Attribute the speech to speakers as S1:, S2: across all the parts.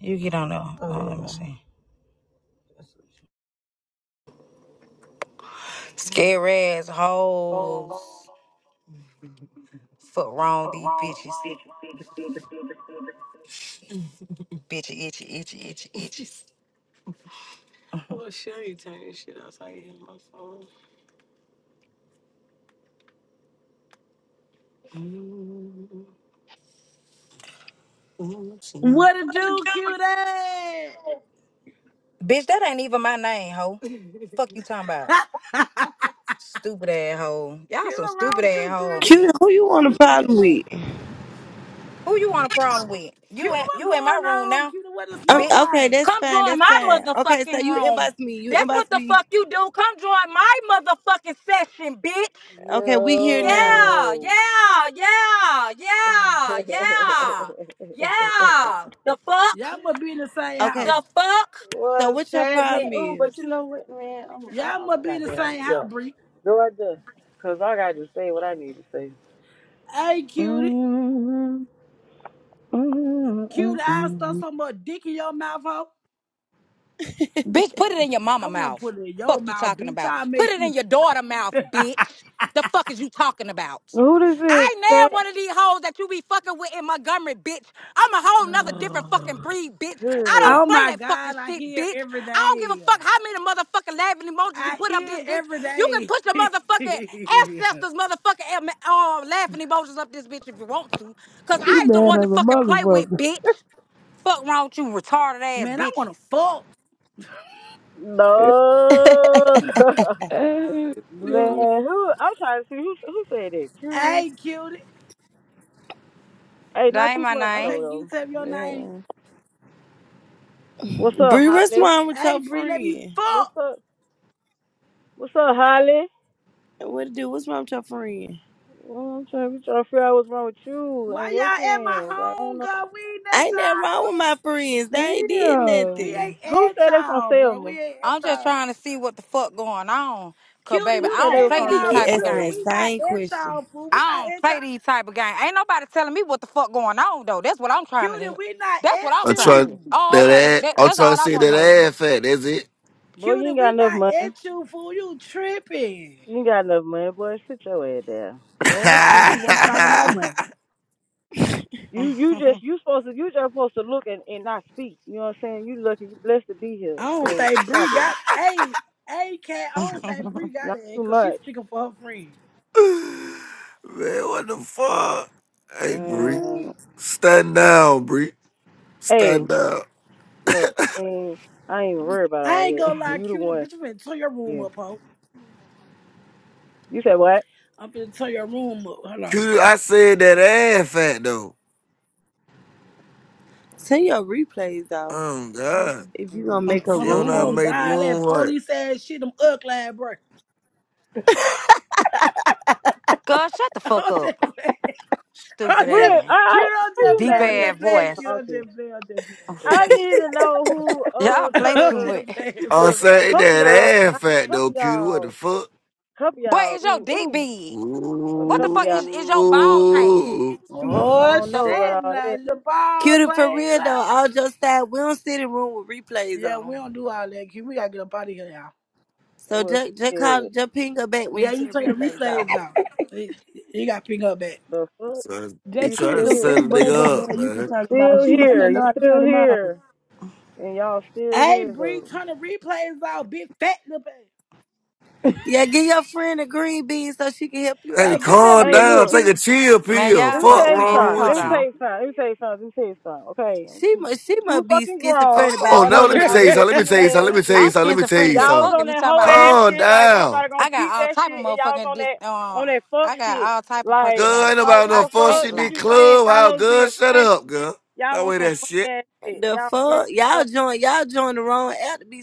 S1: You get on there. Oh, let me see. Scary ass hoes. Fuck wrong these bitches. Bitch, itchy, itchy, itchy, itches.
S2: What it do, cutie?
S1: Bitch, that ain't even my name, hoe. Fuck you talking about. Stupid ass hoe. Y'all
S2: cutie,
S1: some
S2: wrong
S1: stupid
S2: with
S1: ass
S2: you,
S1: hoe.
S2: cutie?
S3: Cutie, who you want a problem with?
S1: Who you want a problem with? You in
S2: Cutie, what
S1: you in my
S2: going
S1: room
S2: on?
S1: now,
S2: Cutie, what the
S3: Um,
S2: smoke
S1: bitch.
S3: okay,
S2: like?
S3: that's
S1: Come
S3: fine.
S4: in
S1: join
S3: That's
S4: my
S1: my
S3: fine. Okay, so
S4: motherfucking
S1: motherfucking
S3: you
S4: room.
S1: room.
S3: inbox me. You
S4: That's
S1: That's
S4: what
S1: what
S3: inbox
S1: the
S4: the
S3: me.
S4: fuck
S1: fuck you
S4: you
S1: do.
S4: do. Come
S1: Come
S4: join
S1: join
S4: my
S1: my motherfucking
S4: motherfucking session,
S1: session, bitch.
S4: bitch. Yeah,
S3: Okay, we here
S4: Yo.
S1: Yeah,
S3: now.
S1: yeah,
S4: yeah,
S1: yeah,
S4: yeah,
S1: yeah,
S4: yeah, yeah,
S1: yeah,
S4: yeah.
S1: yeah.
S4: yeah. The
S1: The
S4: fuck,
S1: fuck?
S2: Y'all must be in the same house.
S3: Okay,
S4: the
S1: The fuck?
S4: fuck.
S3: so
S4: What's
S3: what your
S4: happening?
S3: problem is?
S4: Ooh,
S2: Y'all must be in the
S4: goddamn.
S2: same house,
S4: Yeah.
S2: Bree.
S4: Georgia. Because I got to say what I need to say.
S2: Hey, cutie. Cutie, I stuck
S4: Mm-mm.
S2: so much dick in your mouth, ho.
S1: Bitch, put it in your mama
S2: I want to
S1: mouth.
S2: put it in your
S1: Fuck you
S2: mouth,
S1: talking
S2: bitch.
S1: about.
S2: I'll
S1: Put
S4: What
S2: make
S1: it
S2: you.
S1: in your daughter mouth, bitch. The fuck is you talking about?
S4: Who this is,
S1: I ain't now one of these hoes that you be fucking with in Montgomery, bitch.
S4: I'm
S1: I'm
S4: a
S1: a whole
S4: hoe.
S1: nother different fucking breed, bitch.
S4: Who I is
S1: I don't
S2: oh,
S1: play
S2: my
S1: that fucking
S2: God. I
S1: shit,
S2: hear it
S1: bitch.
S2: every
S1: I don't give a
S2: day.
S1: fuck how many motherfucking laughing emojis you
S2: I
S1: put up
S2: hear
S1: this
S2: it
S1: bitch.
S2: every
S1: You can
S2: day.
S1: put your motherfucking ancestors motherfucking em- uh, laughing emojis up this bitch if you want to. Cause
S5: She
S1: I ain't the
S5: mad
S1: one to
S5: as a
S1: fucking play with,
S5: motherfucker.
S1: bitch. Fuck wrong with you retarded ass
S2: Man, I want to
S1: bitches.
S2: fuck.
S4: No, man, who? I'm trying to see who who said that. Pretty.
S2: Hey, cutie.
S4: Hey, not
S1: That ain't
S4: too
S1: my
S4: much
S1: name.
S2: Okay, you
S4: though,
S2: tell
S4: though.
S2: your name?
S4: Yeah. What's up,
S3: Bree, what's
S4: Holly?
S3: wrong with
S2: Hey,
S3: your
S2: Bree, let me
S3: friend?
S4: What's
S2: fuck.
S4: up? What's up, Holly?
S3: What to do? What's wrong with your friend?
S4: Well, I'm trying, we trying to figure out what's wrong with you
S2: Why
S4: and your
S2: y'all at my
S4: friends. Like, I don't
S2: home,
S4: know.
S2: girl? We ain't at
S3: ain't nothing
S2: y'all.
S3: wrong with my friends. They ain't did
S5: Damn.
S2: We
S3: nothing.
S2: ain't
S4: Who
S2: at
S4: said they from
S2: y'all, bro. We
S4: Selma?
S2: ain't at
S1: I'm just
S2: y'all.
S1: trying to see what the fuck going on. Cause
S2: Cutie,
S1: baby,
S4: Who
S2: you
S1: I
S4: said they
S1: don't
S4: were
S2: came in
S1: play
S4: from
S3: She
S1: these
S2: our
S3: keep
S4: Selma
S1: type of
S2: cutie.
S3: asking
S4: though?
S3: that
S2: We
S1: games.
S2: not
S3: same
S2: at
S3: question.
S2: y'all, fool.
S1: I
S2: We not
S1: don't
S2: at y'all.
S1: play these type of games. Ain't nobody telling me what the fuck going on though. That's what I'm trying to
S2: Cutie,
S1: hear.
S2: we not
S1: That's what
S2: at
S1: I'm
S6: I'm
S1: trying to
S6: trying
S1: hear.
S2: you.
S1: Oh,
S6: that
S1: okay.
S6: ass.
S1: That,
S6: I'm
S1: that's
S6: trying to
S1: all I
S6: see that
S1: want
S6: ass fat. That's it.
S4: Boy, you
S2: Cutie,
S4: ain't got
S2: we
S4: enough
S2: not
S4: money.
S2: at you, fool. You tripping?
S4: You ain't got enough money, boy. Sit your head down.
S2: Oh shit, she want to talk about money.
S4: You you just you supposed to you just supposed to look and, and not speak. You know what I'm saying? You lucky, you blessed to be here.
S2: I don't
S4: So
S2: think
S4: stop
S2: Bree
S4: it.
S2: got. Hey, hey, cat. I don't
S1: to
S2: think Bree got
S4: Not
S2: it
S4: too
S2: because she's
S4: much.
S2: speaking for her friend.
S6: Man, what the fuck? Hey, Bree,
S3: Huh?
S4: Um,
S6: stand down, Bree.
S4: hey,
S6: Stand down.
S4: look, and I ain't even worried about
S2: I
S4: all
S2: ain't
S4: that.
S2: gonna lie,
S4: You the
S2: cutie,
S4: one.
S2: bitch. I'm going turn your room
S4: Yeah.
S2: up, ho.
S4: You said what?
S2: I'm finna turn your room up. Hold on.
S6: Cutie, I said that ass fat though.
S3: Send your replays off
S6: Oh God,
S3: If you gonna
S4: Mm.
S3: make
S1: know.
S3: a
S6: she don't know how to
S2: Oh
S3: room.
S6: make the
S2: God,
S6: room
S2: that
S6: right.
S2: police ass shit, them ugly ass bro.
S1: God, shut the fuck
S2: I'm
S1: up,
S2: just playing.
S1: stupid
S2: I'm just
S4: Where
S1: ass,
S4: I,
S2: cute.
S4: I
S2: I'm
S4: how
S2: just
S4: you
S1: deep
S2: playing.
S4: know
S2: I'm
S4: who the
S1: ass
S2: just playing.
S4: fuck
S2: Cute.
S1: voice.
S2: I'm
S4: talking?
S2: just playing. I'm just playing.
S4: I need to know who
S1: Y'all
S4: uh
S2: I'm just playing,
S1: play
S2: I'm
S1: too
S4: cause
S2: just
S1: much.
S2: playing
S6: I
S4: cause
S2: man.
S4: a
S6: said
S4: couple
S6: that
S4: y'all
S6: ass
S4: a
S6: fat though,
S4: couple
S6: Cutie. What the
S4: y'all
S6: fuck?
S4: couple
S1: But
S4: y'all
S1: is your
S4: ooh
S1: dick
S4: ooh
S1: big?
S4: a
S1: What the
S4: couple
S1: fuck
S4: y'all
S1: is is your balls hanging?
S6: Ooh,
S4: I
S2: Oh
S4: don't
S1: The
S4: know
S2: shit,
S1: fuck,
S4: about all
S2: now
S4: that.
S2: the ball
S3: Cutie, for
S2: playing
S3: real though,
S2: loud.
S3: all just side, we don't sit in room with replays
S2: Yeah, we
S3: on.
S2: don't do all that. Cute. We gotta get up out of here, y'all.
S3: So
S4: Well,
S3: just, just call,
S4: shit.
S3: just ping her back when
S2: Yeah,
S3: you
S2: you
S3: turn the
S2: turn your
S3: replays off.
S2: replays off. You you gotta pick up back.
S4: The fuck?
S6: you
S5: Jay
S4: You
S6: trying
S5: click
S6: to
S4: still
S5: them
S4: here?
S6: set
S5: three
S6: a
S5: buds up
S6: nigga up,
S5: there you
S6: man?
S5: can
S4: You
S5: turn them off.
S4: still
S5: She might
S4: here?
S5: not know
S4: You
S5: how to
S4: still
S5: turn them off.
S4: here? And y'all still
S2: Hey,
S4: here
S2: Bree,
S4: though?
S2: turn the replays off. Big fat little baby.
S3: Yeah, give your friend a green bean so she can help you
S6: Hey,
S2: Hey,
S3: out.
S2: give me a
S6: calm
S4: Hey,
S2: big
S6: down.
S4: look.
S6: Take
S2: cute.
S6: a chill
S1: man,
S6: pill.
S4: Let
S1: y'all
S4: me
S6: Fuck
S1: so
S4: tell you
S1: funny.
S6: wrong
S4: something.
S1: Hold
S4: Let
S6: with
S4: me tell
S6: you.
S1: on,
S4: you something. Let me tell you something. Let me tell you something. Okay, I'm
S3: She
S4: too,
S3: must, she
S4: too
S3: must be
S4: fucking grown
S3: schizophrenic
S4: for
S6: Oh
S4: all
S6: no,
S4: that
S6: let
S3: bipolar,
S4: li-
S6: me
S4: all
S6: tell
S4: that
S6: you
S3: Bree.
S6: something.
S4: little
S6: Let me tell
S4: kid
S6: you something. Let
S4: ass
S6: me tell you
S1: I'm
S4: shit.
S6: something. Let me tell you
S1: schizophrenic as
S4: Y'all was
S6: something.
S1: fuck. If
S4: on
S1: you
S4: that
S1: talking
S4: hoe
S1: about me.
S4: ass
S6: Calm
S4: shit. Like, will not
S6: down.
S4: nobody
S1: I
S4: gonna
S1: got
S4: peep
S1: all
S4: that
S1: type of
S4: shit? And y'all was
S1: motherfucking
S4: on
S1: dis.
S4: that
S1: Uh,
S4: on that fuck
S1: I got
S4: shit.
S1: all type of
S4: Like,
S6: Girl, ain't
S1: personalities.
S4: like
S6: about
S4: what
S6: no
S1: I
S4: the
S6: fuck
S1: can't
S6: shit
S4: fuck?
S6: in
S4: What
S6: this
S1: lie.
S4: you saying?
S6: club.
S4: Y'all
S6: How
S4: hoes
S6: good?
S4: being
S6: Shut
S4: funny.
S6: up, girl.
S4: Y'all
S6: By
S4: on
S6: way
S4: some
S6: that
S4: funny
S6: shit.
S4: ass shit.
S3: The
S4: Y'all weird.
S3: fuck,
S4: as
S3: y'all
S4: fuck.
S3: join, y'all join the wrong app to be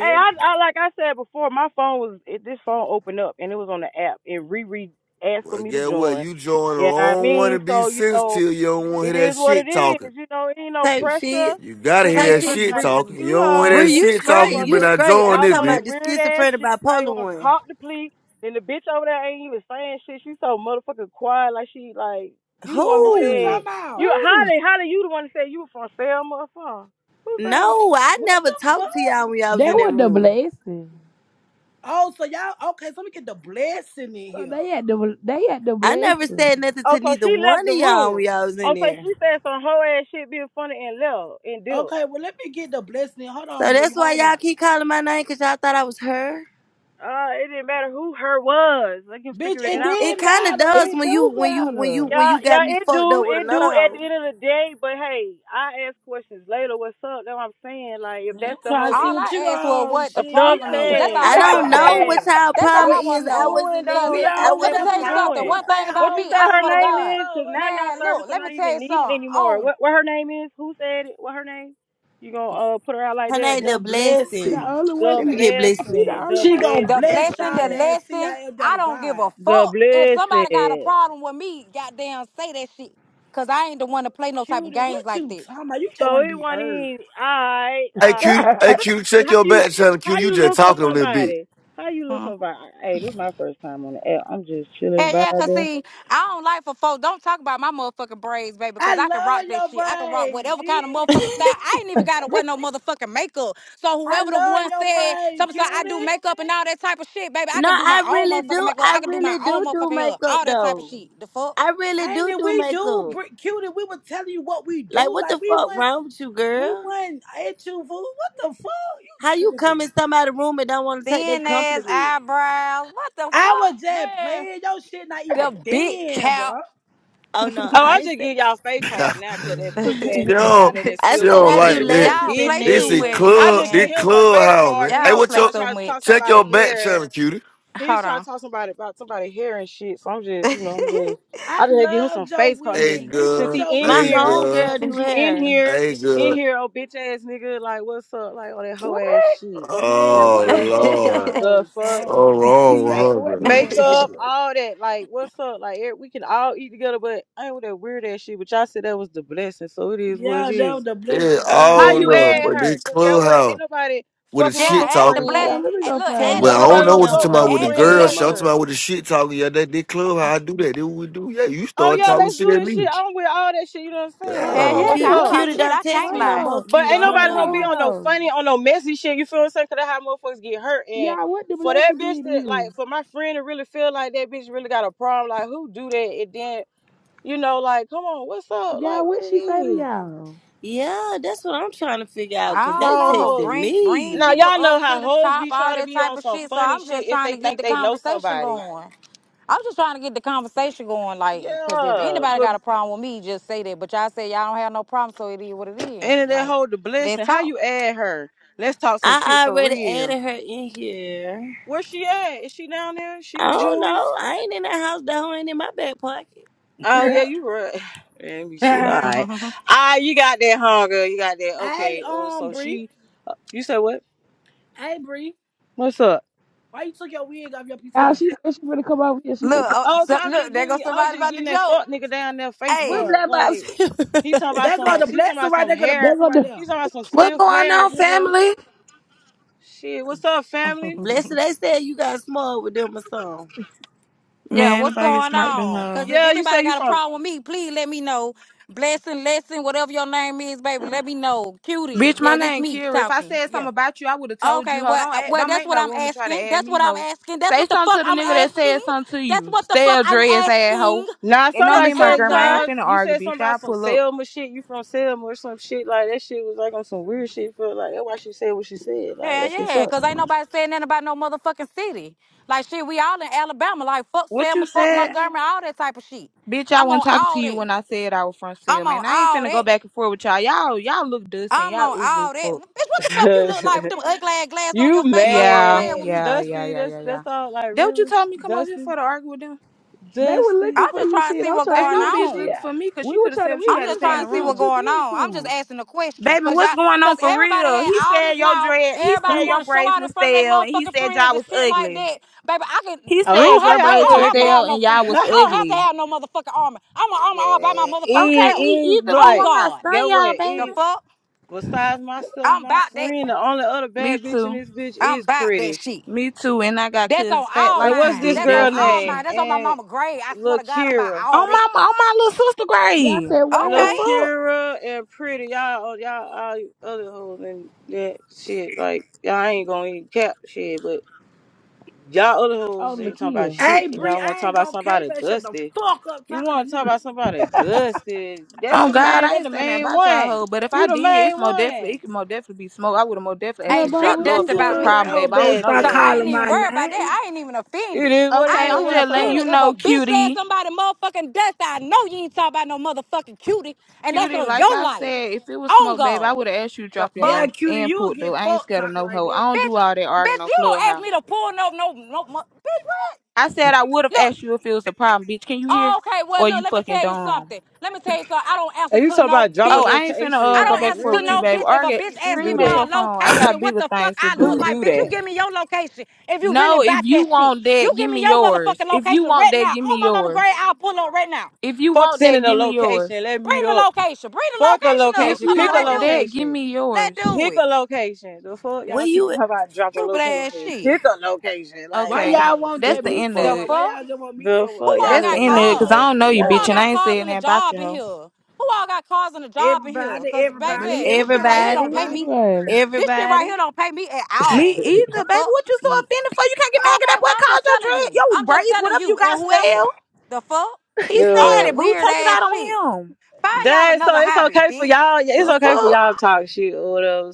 S4: Hey, I, I like I said before, my phone was it, this phone opened up and it was on the app and Riri asked for
S6: Well,
S4: me to
S6: guess what?
S4: join.
S6: You join the
S4: Yeah, I
S6: wrong one to
S4: mean,
S6: be
S4: so you know,
S6: sensitive. You don't want to
S4: it
S6: hear that
S4: is what it
S6: shit talking.
S4: is. You know, it ain't no
S3: Type shit,
S4: pressure,
S6: You gotta
S4: 'cause I
S6: hear
S3: type
S6: that
S4: ain't worried
S1: Mhm.
S3: shit,
S6: shit
S4: about
S3: Bree.
S4: none of
S6: talking. You
S4: you
S6: don't want to hear
S4: hoes
S6: that
S3: Bree,
S4: and
S3: you
S4: this
S6: shit talking.
S3: straight,
S6: You
S3: you
S6: better
S4: motherfucker.
S6: not
S3: straight.
S6: join
S3: I'm
S4: Y'all was
S6: this
S3: talking
S4: on
S6: bitch.
S3: about
S4: that
S3: the
S4: weird ass
S3: schizophrenic
S4: shit. I ain't
S3: bipolar
S4: want to
S3: one.
S4: cop the plea. Then the bitch over there ain't even saying shit. She so motherfucking quiet, like she like you the one who
S2: Who you
S3: Who?
S2: talking
S4: said
S2: about?
S4: you
S5: Oh,
S4: Holly Holly. You the one who said you were from Selma or something. Who said they were
S3: No, I
S2: What
S3: never
S2: the fuck?
S3: talked to y'all when y'all was
S5: that
S3: in that
S5: was the
S3: room.
S5: blessing.
S2: Oh, so y'all okay? So let me get the blessing in
S5: So
S2: here.
S5: they had the they had the
S3: I never
S5: blessing.
S3: said nothing
S4: Oh,
S3: to
S4: so
S3: neither
S4: she left
S3: one of
S4: the
S3: y'all when
S4: room.
S3: y'all was in
S4: Oh, so
S3: there.
S4: she said some whole ass shit being funny and left and did.
S2: Okay, well let me get the blessing. Hold
S3: So
S2: on, Bree.
S3: that's why
S2: Hold
S3: y'all
S2: on,
S3: keep calling my name because y'all thought I was her.
S4: Uh, it didn't matter who her was. I can
S2: bitch.
S4: figure it
S2: It
S4: out.
S3: It
S2: didn't
S3: kind of
S2: matter. What?
S3: does
S5: It
S3: when you
S5: do
S3: when you when you
S5: matter.
S3: when
S4: Yeah,
S3: you got
S4: yeah,
S3: me
S4: it
S3: fucked up
S4: do,
S3: with
S4: it
S3: another
S4: do at the
S3: hoe.
S4: end of the the day, but hey, I I'm ask questions later. What's up? That's that's what I'm saying. Like
S2: The,
S4: if
S2: man, I'm
S4: that's the
S2: trying
S4: whole
S2: to see
S4: thing.
S1: All
S2: what you
S1: I asked was
S2: on.
S1: what the
S2: Shit,
S4: Enough
S2: we
S1: problem
S2: on
S1: is. That's
S2: whatever
S4: said.
S3: I
S1: all
S2: you
S1: I
S3: don't
S4: Enough
S1: want to
S3: know
S1: know.
S3: what
S4: said.
S2: on.
S3: y'all
S1: That's all
S3: problem
S4: What
S1: I want
S3: is.
S1: to
S4: you
S3: I
S1: know.
S4: doing
S3: wasn't
S1: Cause
S3: in
S4: though?
S2: We
S3: it.
S4: That's what
S3: I
S4: I'm
S1: let,
S2: on
S1: let
S4: saying.
S1: me
S4: What
S2: whatever
S3: wasn't
S1: tell
S4: you
S1: you
S3: talking
S2: y'all
S3: to
S1: something.
S4: doing?
S1: One
S2: puts
S1: thing
S2: that
S3: y'all.
S1: about
S4: What you
S1: me,
S2: hoes
S4: said
S1: I
S4: her
S1: swear to
S2: on.
S4: name
S2: What's
S1: God,
S4: is?
S2: up?
S4: Cause now
S2: What's
S4: y'all
S1: man.
S2: up?
S4: service
S1: Look,
S4: are
S1: let me
S4: not
S1: tell
S4: even
S1: you
S4: needed
S1: something.
S4: anymore.
S1: On
S4: What what her name is? Who said it? What her name? You gonna uh put her out like
S3: Her
S4: that?
S3: name
S4: What-
S3: the
S2: The
S5: The
S3: blessing.
S2: blessing.
S5: only one
S4: The
S3: Let me
S5: say
S3: get blessed in
S5: she the
S3: here.
S4: blessing.
S5: only
S4: The
S2: She gonna
S1: the
S4: blessing.
S2: bless
S1: blessing,
S2: y'all
S1: the
S4: Okay.
S2: and see
S1: lesson.
S2: y'all end up
S1: I
S2: with
S1: don't give
S2: God.
S1: a
S4: The
S1: fuck if somebody got a
S4: blessing.
S1: problem with me. Goddamn, say that shit. Cause I ain't the one to play no type of
S2: Cutie,
S1: games
S2: what
S1: like
S2: you talking about? You just
S4: So
S2: want to
S4: it
S2: be
S4: wasn't
S2: heard.
S4: even alright,
S6: Hey, Q,
S4: alright.
S5: person.
S4: Let
S6: hey,
S4: me
S6: Q,
S4: see
S6: check
S4: how
S6: your
S4: you
S6: back channel, Q.
S4: how
S6: You
S4: you
S6: just
S4: look for
S6: talking on this bitch.
S4: somebody. How you look
S1: that.
S4: somebody? Hey, this is my first time on the app. I'm just chilling,
S1: Hell yeah, cause
S4: vibing.
S1: see, I don't like for folks. Don't talk about my motherfucking braids, baby, because
S2: I
S1: I can rock
S2: love
S1: that
S2: your
S1: shit. I can rock
S2: brain,
S1: whatever kind of
S2: brave.
S1: motherfucking style. I ain't even gotta wear no motherfucking makeup. So
S2: I
S1: whoever the
S2: love
S1: one
S2: your
S1: said
S2: brain,
S1: something, so I do
S2: cutie.
S1: makeup and all that type of shit, baby, I
S3: No,
S1: could do my
S3: I
S1: own
S3: really
S1: motherfucking
S3: do.
S1: makeup.
S3: I
S1: I could do my
S3: really
S1: own
S3: do
S1: motherfucking
S3: do
S1: hair,
S3: makeup
S1: all that type of
S3: though.
S1: shit. The fuck,
S3: I really
S2: Ain't
S3: do
S2: it?
S3: do
S2: We do,
S3: makeup.
S2: br- cutie. We were telling you what we
S3: Like
S2: do.
S3: what the
S2: Like we
S3: fuck
S2: went,
S3: wrong with you,
S2: we
S3: girl?
S2: went at you fool. What the fuck? You
S3: How you come in
S2: tripping?
S3: somebody's room and don't want to take their
S1: thin ass
S3: compliment?
S1: eyebrows. What the
S2: I
S1: fuck,
S2: was just
S1: man?
S2: playing. Your shit not even
S1: The big
S2: thin,
S1: cap.
S2: bro.
S3: Oh no,
S4: Oh,
S3: I
S4: I
S3: ain't
S4: just
S3: say.
S4: give y'all fake
S6: she
S4: card now because that pussy ass nigga down
S6: don't,
S4: there that
S3: I
S6: she
S4: still want
S3: said
S4: to
S6: don't
S3: I
S4: sit in
S3: do
S4: here
S6: like
S4: with
S6: that.
S4: some
S3: lashes
S1: Y'all
S3: and
S1: play
S4: bitches.
S6: This
S1: too
S6: is
S1: much,
S3: nails.
S4: I
S6: club,
S4: just
S1: man.
S4: give
S6: this
S4: him some fake
S6: clubhouse,
S4: card
S6: man.
S4: because he
S6: Hey,
S1: Y'all
S4: want
S6: what
S4: to
S1: play
S6: your,
S4: talk,
S1: so
S4: try to talk
S1: much.
S6: check your
S4: somebody
S6: back
S4: hair.
S6: channel, cutie.
S4: He was trying to
S1: Hold
S4: talk somebody about somebody hair and shit. So I'm just,
S1: on.
S4: you know, I'm just,
S2: I
S4: I just had to give him
S2: love
S4: some
S2: your
S4: face card since
S6: Hey,
S2: wig,
S4: he,
S2: Bree.
S4: since
S2: Put
S4: he
S6: good.
S2: your
S4: in
S3: My
S2: wig
S6: Hey,
S2: back
S4: here,
S2: up
S6: good.
S2: there,
S3: homegirl do
S4: since you
S2: Bree.
S4: in
S3: hair.
S4: here,
S6: Hey,
S4: in
S6: good.
S4: here, oh bitch ass nigga, like what's up, like all that hoe
S5: what?
S4: ass shit.
S2: Man,
S4: The
S6: Oh,
S2: what the
S4: fuck,
S2: fuck y'all
S6: Lord.
S4: the
S2: hold
S4: fuck
S6: So
S2: from?
S6: wrong
S5: Yeah,
S4: right?
S6: with
S5: what the
S6: her, man.
S5: fuck going
S4: Makeup,
S5: on?
S4: all that. Like, what's up? Like, eh, we can all eat together, but I ain't with that weird ass shit. But y'all said that was the blessing, so it is what it
S2: Yeah, that was
S4: is.
S2: the best.
S6: It's
S2: Yeah, they
S4: How
S6: all
S2: ain't
S4: you
S2: no
S6: love,
S2: other
S4: add
S6: but
S4: her?
S6: this
S2: thing.
S4: Cause guess what? Ain't
S6: clubhouse
S4: nobody
S6: with the
S4: fucking with my
S6: shit
S1: Yeah, add the
S6: talking.
S5: Hold
S1: bless.
S5: on,
S4: friend.
S5: let me
S1: Hey,
S5: go
S1: look,
S3: Tell
S5: find
S1: add
S6: But
S1: the
S3: your
S4: Ain't
S6: I
S5: her.
S4: nobody
S6: don't know
S3: friend
S4: gonna
S6: what you
S1: blesser.
S4: fuck
S6: talking
S3: don't
S4: with
S6: about
S4: my
S3: don't
S6: with the
S1: Add
S3: text
S1: the
S3: me
S6: girl
S3: no
S4: friend.
S6: shit. I'm
S3: more.
S6: talking
S1: blesser.
S6: about with the shit talking. Yeah, that, this clubhouse, I do that. That's what we do. Yeah, you
S4: Oh
S6: start
S4: yeah,
S1: Hey,
S6: talking
S4: let's
S6: shit
S4: do
S6: at
S4: this
S6: me.
S4: shit. I'm with all that shit. You know what I'm
S5: Hold
S4: saying?
S5: on,
S1: Hell
S4: So
S6: Yeah.
S5: what
S1: yeah,
S4: what's
S5: the
S1: 'cause I
S3: Cute,
S5: what
S4: up?
S1: talk
S3: cutie,
S5: the
S1: shit.
S3: don't
S1: I
S3: text
S1: can't
S3: me
S5: hold
S3: no
S1: lie.
S3: more.
S5: on.
S4: But
S3: Cute,
S4: ain't
S3: I don't
S5: Black
S4: nobody
S3: know
S4: gonna
S5: bottle,
S4: be
S3: you.
S5: hold
S4: on no
S5: on.
S4: funny, on no messy shit. You feel what I'm saying? Cause that's how motherfuckers get hurt. And
S5: Y'all, what the
S4: for that
S5: blessing
S4: bitch
S5: did to
S4: that
S5: you?
S4: like for my friend to really feel like that bitch really got a problem, like who do that? And then You know, like, come on, what's up? Like,
S5: Y'all,
S4: what
S5: what
S4: it
S5: she say to
S4: is?
S5: y'all?
S3: Yeah, that's what I'm trying to figure out
S1: I
S3: because
S1: don't
S3: they
S4: No,
S1: know.
S4: hoes.
S3: texted
S1: Bring bring
S4: Now
S3: me.
S1: people
S4: y'all know
S1: up to
S4: how
S1: the
S4: hoes
S1: top,
S4: be
S1: all
S4: trying to
S1: that
S4: be
S1: type
S4: on
S1: of
S4: some
S1: shit. So
S4: funny
S1: I'm just
S4: shit if
S1: trying
S4: they
S1: to get
S4: think
S1: the
S4: they know
S1: conversation
S4: somebody.
S1: going. I'm just trying to get the conversation going, like, because if
S4: Yeah,
S1: anybody
S4: but
S1: got a problem with me, just say that. But y'all say y'all don't have no problem, so it is what it is.
S4: and that
S1: Like,
S4: hold the
S1: let's
S4: blessing. How
S1: talk.
S4: you add her? Let's talk some shit
S3: I
S4: for
S3: already
S4: real.
S3: added her in here.
S4: Where she at? Is she down there? She
S3: I
S4: can
S3: don't
S4: join.
S3: know. I ain't in the house. That hoe ain't in my back pocket.
S4: Oh yeah, you right. Man, be shit. All right,
S1: look,
S4: ah, You got that hunger. You got that.
S2: Hey,
S4: Okay. Uh,
S2: um,
S4: so
S2: Bree.
S4: she. You said what?
S2: Hey, Bree.
S4: What's up?
S2: Why you took your wig off your
S5: Oh,
S2: PTI?
S5: she said she finna come over here. She finna come.
S1: oh,
S4: Oh,
S1: so,
S4: i am just
S1: look, there goes
S4: getting, I'm
S1: somebody
S4: just
S1: about the
S4: getting that
S1: joke.
S4: fuck nigga down there face
S3: What
S1: Hey.
S4: card.
S3: black
S4: Like
S3: box?
S4: he talking about
S2: They're
S4: some,
S2: gonna
S4: he
S2: bless
S4: talking
S2: her
S4: about
S2: right.
S4: some
S2: They're gonna
S5: They,
S2: bless
S4: hair.
S2: her
S5: gonna
S2: right
S5: do,
S2: there.
S4: He talking about some
S7: What
S4: stiff
S7: going
S4: hair,
S7: on,
S4: nigga.
S7: family?
S4: Shit, what's up, family?
S3: Blessed they said you got small with them or something.
S1: Yeah,
S7: Man,
S1: what's
S7: nobody get
S1: going
S7: smart than
S1: on?
S7: her.
S1: Because if
S4: Yeah, you say
S1: anybody
S4: you
S1: got a
S4: from?
S1: problem with me, please let me know. Blessing, lesson, whatever your name is, baby, let me know. Cutie,
S7: Bitch, my
S1: yeah, this
S7: name
S1: me
S7: Kira. If I
S1: talking.
S7: said
S1: Yeah.
S7: something about you, I would have told you.
S1: Okay,
S7: Ho,
S1: well,
S7: don't
S1: uh,
S7: add,
S1: well,
S7: don't
S1: that's
S7: make
S1: what
S7: no
S1: I'm
S7: room and try to
S1: asking.
S7: add
S1: That's
S7: me,
S1: what I'm
S7: ho.
S1: asking. That's
S7: Say
S1: what the
S7: something
S1: fuck
S7: to the
S1: I'm
S7: nigga that
S1: asking.
S7: said something to
S1: That's
S7: you.
S1: what the
S7: Stay
S1: fuck
S7: a
S1: I'm
S7: dress ass ho.
S1: asking.
S4: Nah,
S7: And don't
S1: Just
S4: somebody
S7: mean my
S4: said
S7: grandma. I
S1: answer.
S7: ain't
S4: y'all.
S7: finna
S4: You
S7: argue,
S4: said something
S7: bitch.
S4: about
S7: I
S4: some
S7: pull up.
S4: Selma shit. You from Selma or some shit like that? Shit was like on some weird shit. For like that's why she said what she said. Like
S1: Hell
S4: that's what's
S1: yeah,
S4: up.
S1: because ain't nobody saying nothing about no motherfucking city. Like, shit, we all in Alabama. Like, fuck
S7: What you
S1: Selma, fuck
S7: said,
S1: Montgomery, all that type of shit.
S7: bitch? I
S1: I'm
S7: wasn't
S1: on
S7: talking to
S1: all
S7: you
S1: that.
S7: when I said I was front
S1: I'm
S7: sale,
S1: on
S7: man. I ain't
S1: all
S7: finna go
S1: that.
S7: back and forth with y'all. Y'all, y'all look dusty. and
S1: I'm
S7: Y'all
S1: on
S7: ugly as
S1: all that. Bitch,
S7: fuck.
S1: what the fuck you look like with them ugly ass glasses on your
S4: you
S1: face, girl? Stop
S7: Yeah,
S4: mad,
S1: playing with me.
S7: yeah, yeah,
S4: Dusty?
S7: yeah,
S4: That's
S7: yeah, yeah.
S4: that's all. Like
S7: That what you
S4: really,
S7: told me come over here
S4: Dusty,
S7: for to argue with them?
S5: they were
S4: Dusty.
S5: looking
S1: I'm
S5: for
S1: just
S5: you,
S1: trying to
S5: shit.
S1: see
S5: I'm
S1: what's
S5: trying to
S7: Ain't
S5: see
S1: going
S7: no
S5: what you
S7: bitch
S5: did.
S7: looking
S1: on.
S7: for me because she
S5: We were
S7: could have
S5: trying
S7: said
S5: to,
S7: what
S5: we
S7: she
S1: I'm
S7: had to
S5: really
S1: just
S7: say in
S5: trying
S1: trying
S7: the
S5: to
S1: to
S5: see
S1: see
S5: what
S1: what's
S5: you
S7: room.
S1: going
S5: did
S1: on.
S5: to
S1: I'm just
S5: him.
S1: asking a question.
S7: Baby,
S1: Cause
S7: what's
S1: y'all,
S7: going on
S1: cause
S7: for
S1: everybody
S7: real?
S1: had
S7: He
S1: all
S7: said
S1: this
S7: your
S1: mouth.
S7: dread, he
S1: Everybody
S7: said
S3: Who?
S7: your
S1: wanna show
S7: braids
S1: out
S7: was
S1: in front of their
S7: stale, and he
S1: motherfucking
S7: said
S1: friends
S7: y'all
S1: and
S7: was
S1: shit like
S7: ugly.
S1: that. Baby, I can
S7: He
S4: Oh,
S1: I
S4: he
S7: said
S4: didn't
S1: don't
S4: say
S7: your
S1: have to
S4: I
S1: I
S7: braids
S4: was
S1: don't
S7: was
S1: have to
S7: stale
S1: have
S4: ugly.
S1: no
S7: and y'all
S1: friend.
S7: was
S1: I don't have to
S7: ugly.
S1: have no motherfucking armor. I'm an armor all by my
S4: Man,
S1: motherfucking
S7: Okay,
S4: Eve,
S1: self.
S7: me
S4: Eve,
S7: either, boo.
S1: On
S4: like,
S7: I'm not
S1: God.
S7: stunned,
S4: get what?
S7: y'all, baby.
S1: The
S4: Eve,
S1: fuck?
S4: besides myself,
S1: I'm
S4: my
S1: about that.
S4: friend, the only other
S7: Me
S4: bad bitch in
S7: too.
S4: this bitch
S1: I'm
S4: is
S1: about that
S4: pretty.
S1: shit.
S7: Me too. And I got
S1: That's on
S7: cousins fat
S1: all
S4: Uh,
S7: like you,
S4: what's
S1: mines.
S4: this
S7: bitch.
S1: That's on
S7: They'll
S4: girl
S1: all
S7: smush
S4: name?
S7: you.
S1: mines. That's on my
S4: And
S1: mama grave. I swear
S4: Lil
S1: to God, I'm about
S4: Kira.
S1: all
S7: On
S1: that.
S7: my on my little sister
S5: Y'all
S7: grave.
S5: said, what
S7: The
S4: Lil
S1: Okay.
S5: happened?
S7: fuck?
S4: Kira and Pretty, y'all, oh, y'all, all you other hoes and that shit. Like, y'all ain't gonna even cap shit, but y'all other
S5: Oh,
S4: hoes ain't talking about
S5: Lakia.
S2: Hey
S4: shit.
S2: Bree,
S4: Y'all wanna
S2: I
S4: talk
S2: ain't
S4: about
S2: gonna cave
S4: somebody
S2: and shut the
S4: dusty.
S2: fuck up
S4: You
S2: talking to
S4: wanna
S2: me,
S4: talk
S2: huh?
S4: about somebody dusty. That
S7: Oh
S4: the
S7: God,
S4: main,
S7: I
S4: that
S7: ain't
S4: the
S7: saying that
S4: main
S7: about y'all
S4: one.
S7: hoe, but if I
S4: You the
S7: did, it's
S4: main
S7: more
S4: one.
S7: definitely it could more definitely be smoke. I would have more definitely
S5: Yeah,
S7: asked you
S1: Ain't
S7: to
S5: boy,
S7: drop
S1: shit
S5: what
S7: low
S5: you
S1: dust
S7: if it was a
S1: about
S2: Girl,
S1: me.
S2: that
S7: problem,
S2: whole
S7: babe.
S4: Ain't
S7: I
S2: better
S7: don't know
S2: start
S1: So
S7: you.
S1: I ain't
S2: calling
S4: nothing.
S1: even
S2: my
S1: worried about
S2: name.
S1: that. I ain't even
S4: It
S1: offended.
S4: is what it
S1: I
S7: Okay,
S4: is.
S1: ain't
S7: I'm
S1: even
S4: What's
S7: just letting
S4: up?
S1: offended.
S7: you
S1: If a
S7: know,
S1: bitch said
S7: cutie.
S1: somebody motherfucking dust, I know you ain't talking about no motherfucking cutie. And that's
S7: Cutie,
S1: on
S7: like
S1: your
S7: I
S1: life.
S7: said, if it was
S1: On
S7: smoke, babe, I
S1: God.
S7: would have asked you to
S1: The
S7: drop your
S2: Yeah,
S7: low
S1: fuck?
S2: cutie,
S7: and
S2: you'll
S7: put though.
S2: get
S7: I ain't
S2: fucked
S7: scared of
S2: talking
S7: no
S2: like
S7: hoe.
S2: that.
S7: I don't
S1: Bitch,
S7: do all that arguing
S1: bitch,
S7: on
S1: you don't ask
S7: clubhouse.
S1: me to pull no, no, no, mo- bitch, what?
S7: I said I would have
S1: Look.
S7: asked you if it was a problem, bitch. Can you hear?
S1: Oh, okay. Well,
S7: Or
S1: look,
S7: you
S1: let me
S7: fucking
S1: tell you
S7: dumb.
S1: something. Let me tell you something. I don't answer
S4: And you
S1: to
S4: talking
S1: no
S4: about dropping
S7: Oh,
S1: bitch.
S7: I ain't finna
S4: location.
S1: I
S7: uh go
S4: Like,
S7: back
S1: don't
S7: and
S1: answer
S7: forth
S1: to
S7: with you,
S4: really?
S1: no
S7: babe.
S1: bitch. If a
S7: Argue,
S1: bitch
S4: Who
S1: asks me
S4: do
S7: scream
S1: for
S7: at
S4: that?
S7: your
S1: a
S7: phone. I got
S1: location, what
S7: bigger
S1: the fuck
S7: things to
S1: I
S7: do.
S1: look
S4: Who
S1: like?
S4: do
S1: Bitch, you
S4: that?
S1: give me your location if you really
S7: No, if
S1: bought
S7: you
S1: that shit.
S7: want
S1: You
S7: that, give
S1: give me
S7: me
S1: your
S7: yours.
S1: motherfucking
S7: If you
S1: location
S7: want
S1: right
S7: that,
S1: now.
S7: give me
S1: Oh, my mama
S7: yours.
S1: grade, I'll pull up right now.
S7: If you
S4: Fuck
S7: want that,
S4: sending a
S7: give me yours.
S4: location. Let me
S1: Bring
S4: meet
S1: the
S4: up.
S1: location. Bring the
S4: Fuck the
S1: location up.
S7: If
S4: location.
S1: Come
S7: you
S1: on,
S4: Pick a
S1: let's
S7: want
S1: do
S7: that,
S1: it.
S7: give
S4: location.
S7: me
S1: Let's
S7: yours.
S1: do
S4: Pick
S1: it.
S4: a location. The fuck
S3: Where
S4: y'all keep
S3: you?
S4: talking about drop a
S1: Stupid ass
S4: location.
S1: shit.
S4: Pick a location. Like
S2: Why
S4: y'all
S7: Okay,
S2: y'all
S4: are
S2: won't
S7: that's
S2: just
S7: the
S4: stupid as
S2: meet
S7: end of
S1: The
S4: fuck.
S2: somewhere?
S7: it.
S2: Why
S1: fuck?
S2: y'all just won't meet
S4: The
S2: somewhere?
S1: Who
S4: fuck
S1: all
S4: y'all
S7: That's
S4: who
S7: the
S1: got
S4: don't know
S7: end
S4: how
S7: of
S4: to
S7: it,
S4: get
S7: cause
S1: cars?
S7: I
S4: mad.
S7: don't know you,
S1: Who
S7: bitch,
S1: all
S7: and
S4: Y'all,
S1: got
S7: I ain't
S1: cars
S7: saying
S1: in the
S7: that about you,
S1: job in
S7: hoe.
S1: here? Who all got cars in the job in here?
S2: Everybody,
S1: Cause
S2: everybody,
S7: Me?
S1: baby, this shit
S2: everybody,
S1: right here don't
S5: said?
S3: Everybody.
S1: pay
S2: everybody.
S1: me.
S5: Anyway.
S1: This shit right
S3: Everybody.
S1: here don't pay me at
S7: Me
S1: all. The
S7: either, baby.
S1: fuck?
S7: What you so offended for? You can't get mad at
S1: Okay,
S7: that
S1: well
S7: boy
S1: I'm
S7: called
S1: just
S7: your
S1: telling
S7: dread,
S1: you.
S7: your
S1: I'm just
S7: braids,
S1: telling
S7: whatever you
S1: you and
S7: got
S1: whoever.
S7: stale.
S1: The fuck?
S7: He
S1: All
S7: said
S1: that
S7: it,
S4: the
S7: boo.
S1: weird
S7: Take it
S1: ass
S7: out
S1: shit.
S7: on him.
S1: Find y'all
S4: that so
S1: another
S4: it's
S1: hobby,
S4: okay for
S1: bitch.
S4: y'all. Yeah, It's
S7: The
S4: okay for
S7: fuck?
S4: y'all to talk shit or whatever.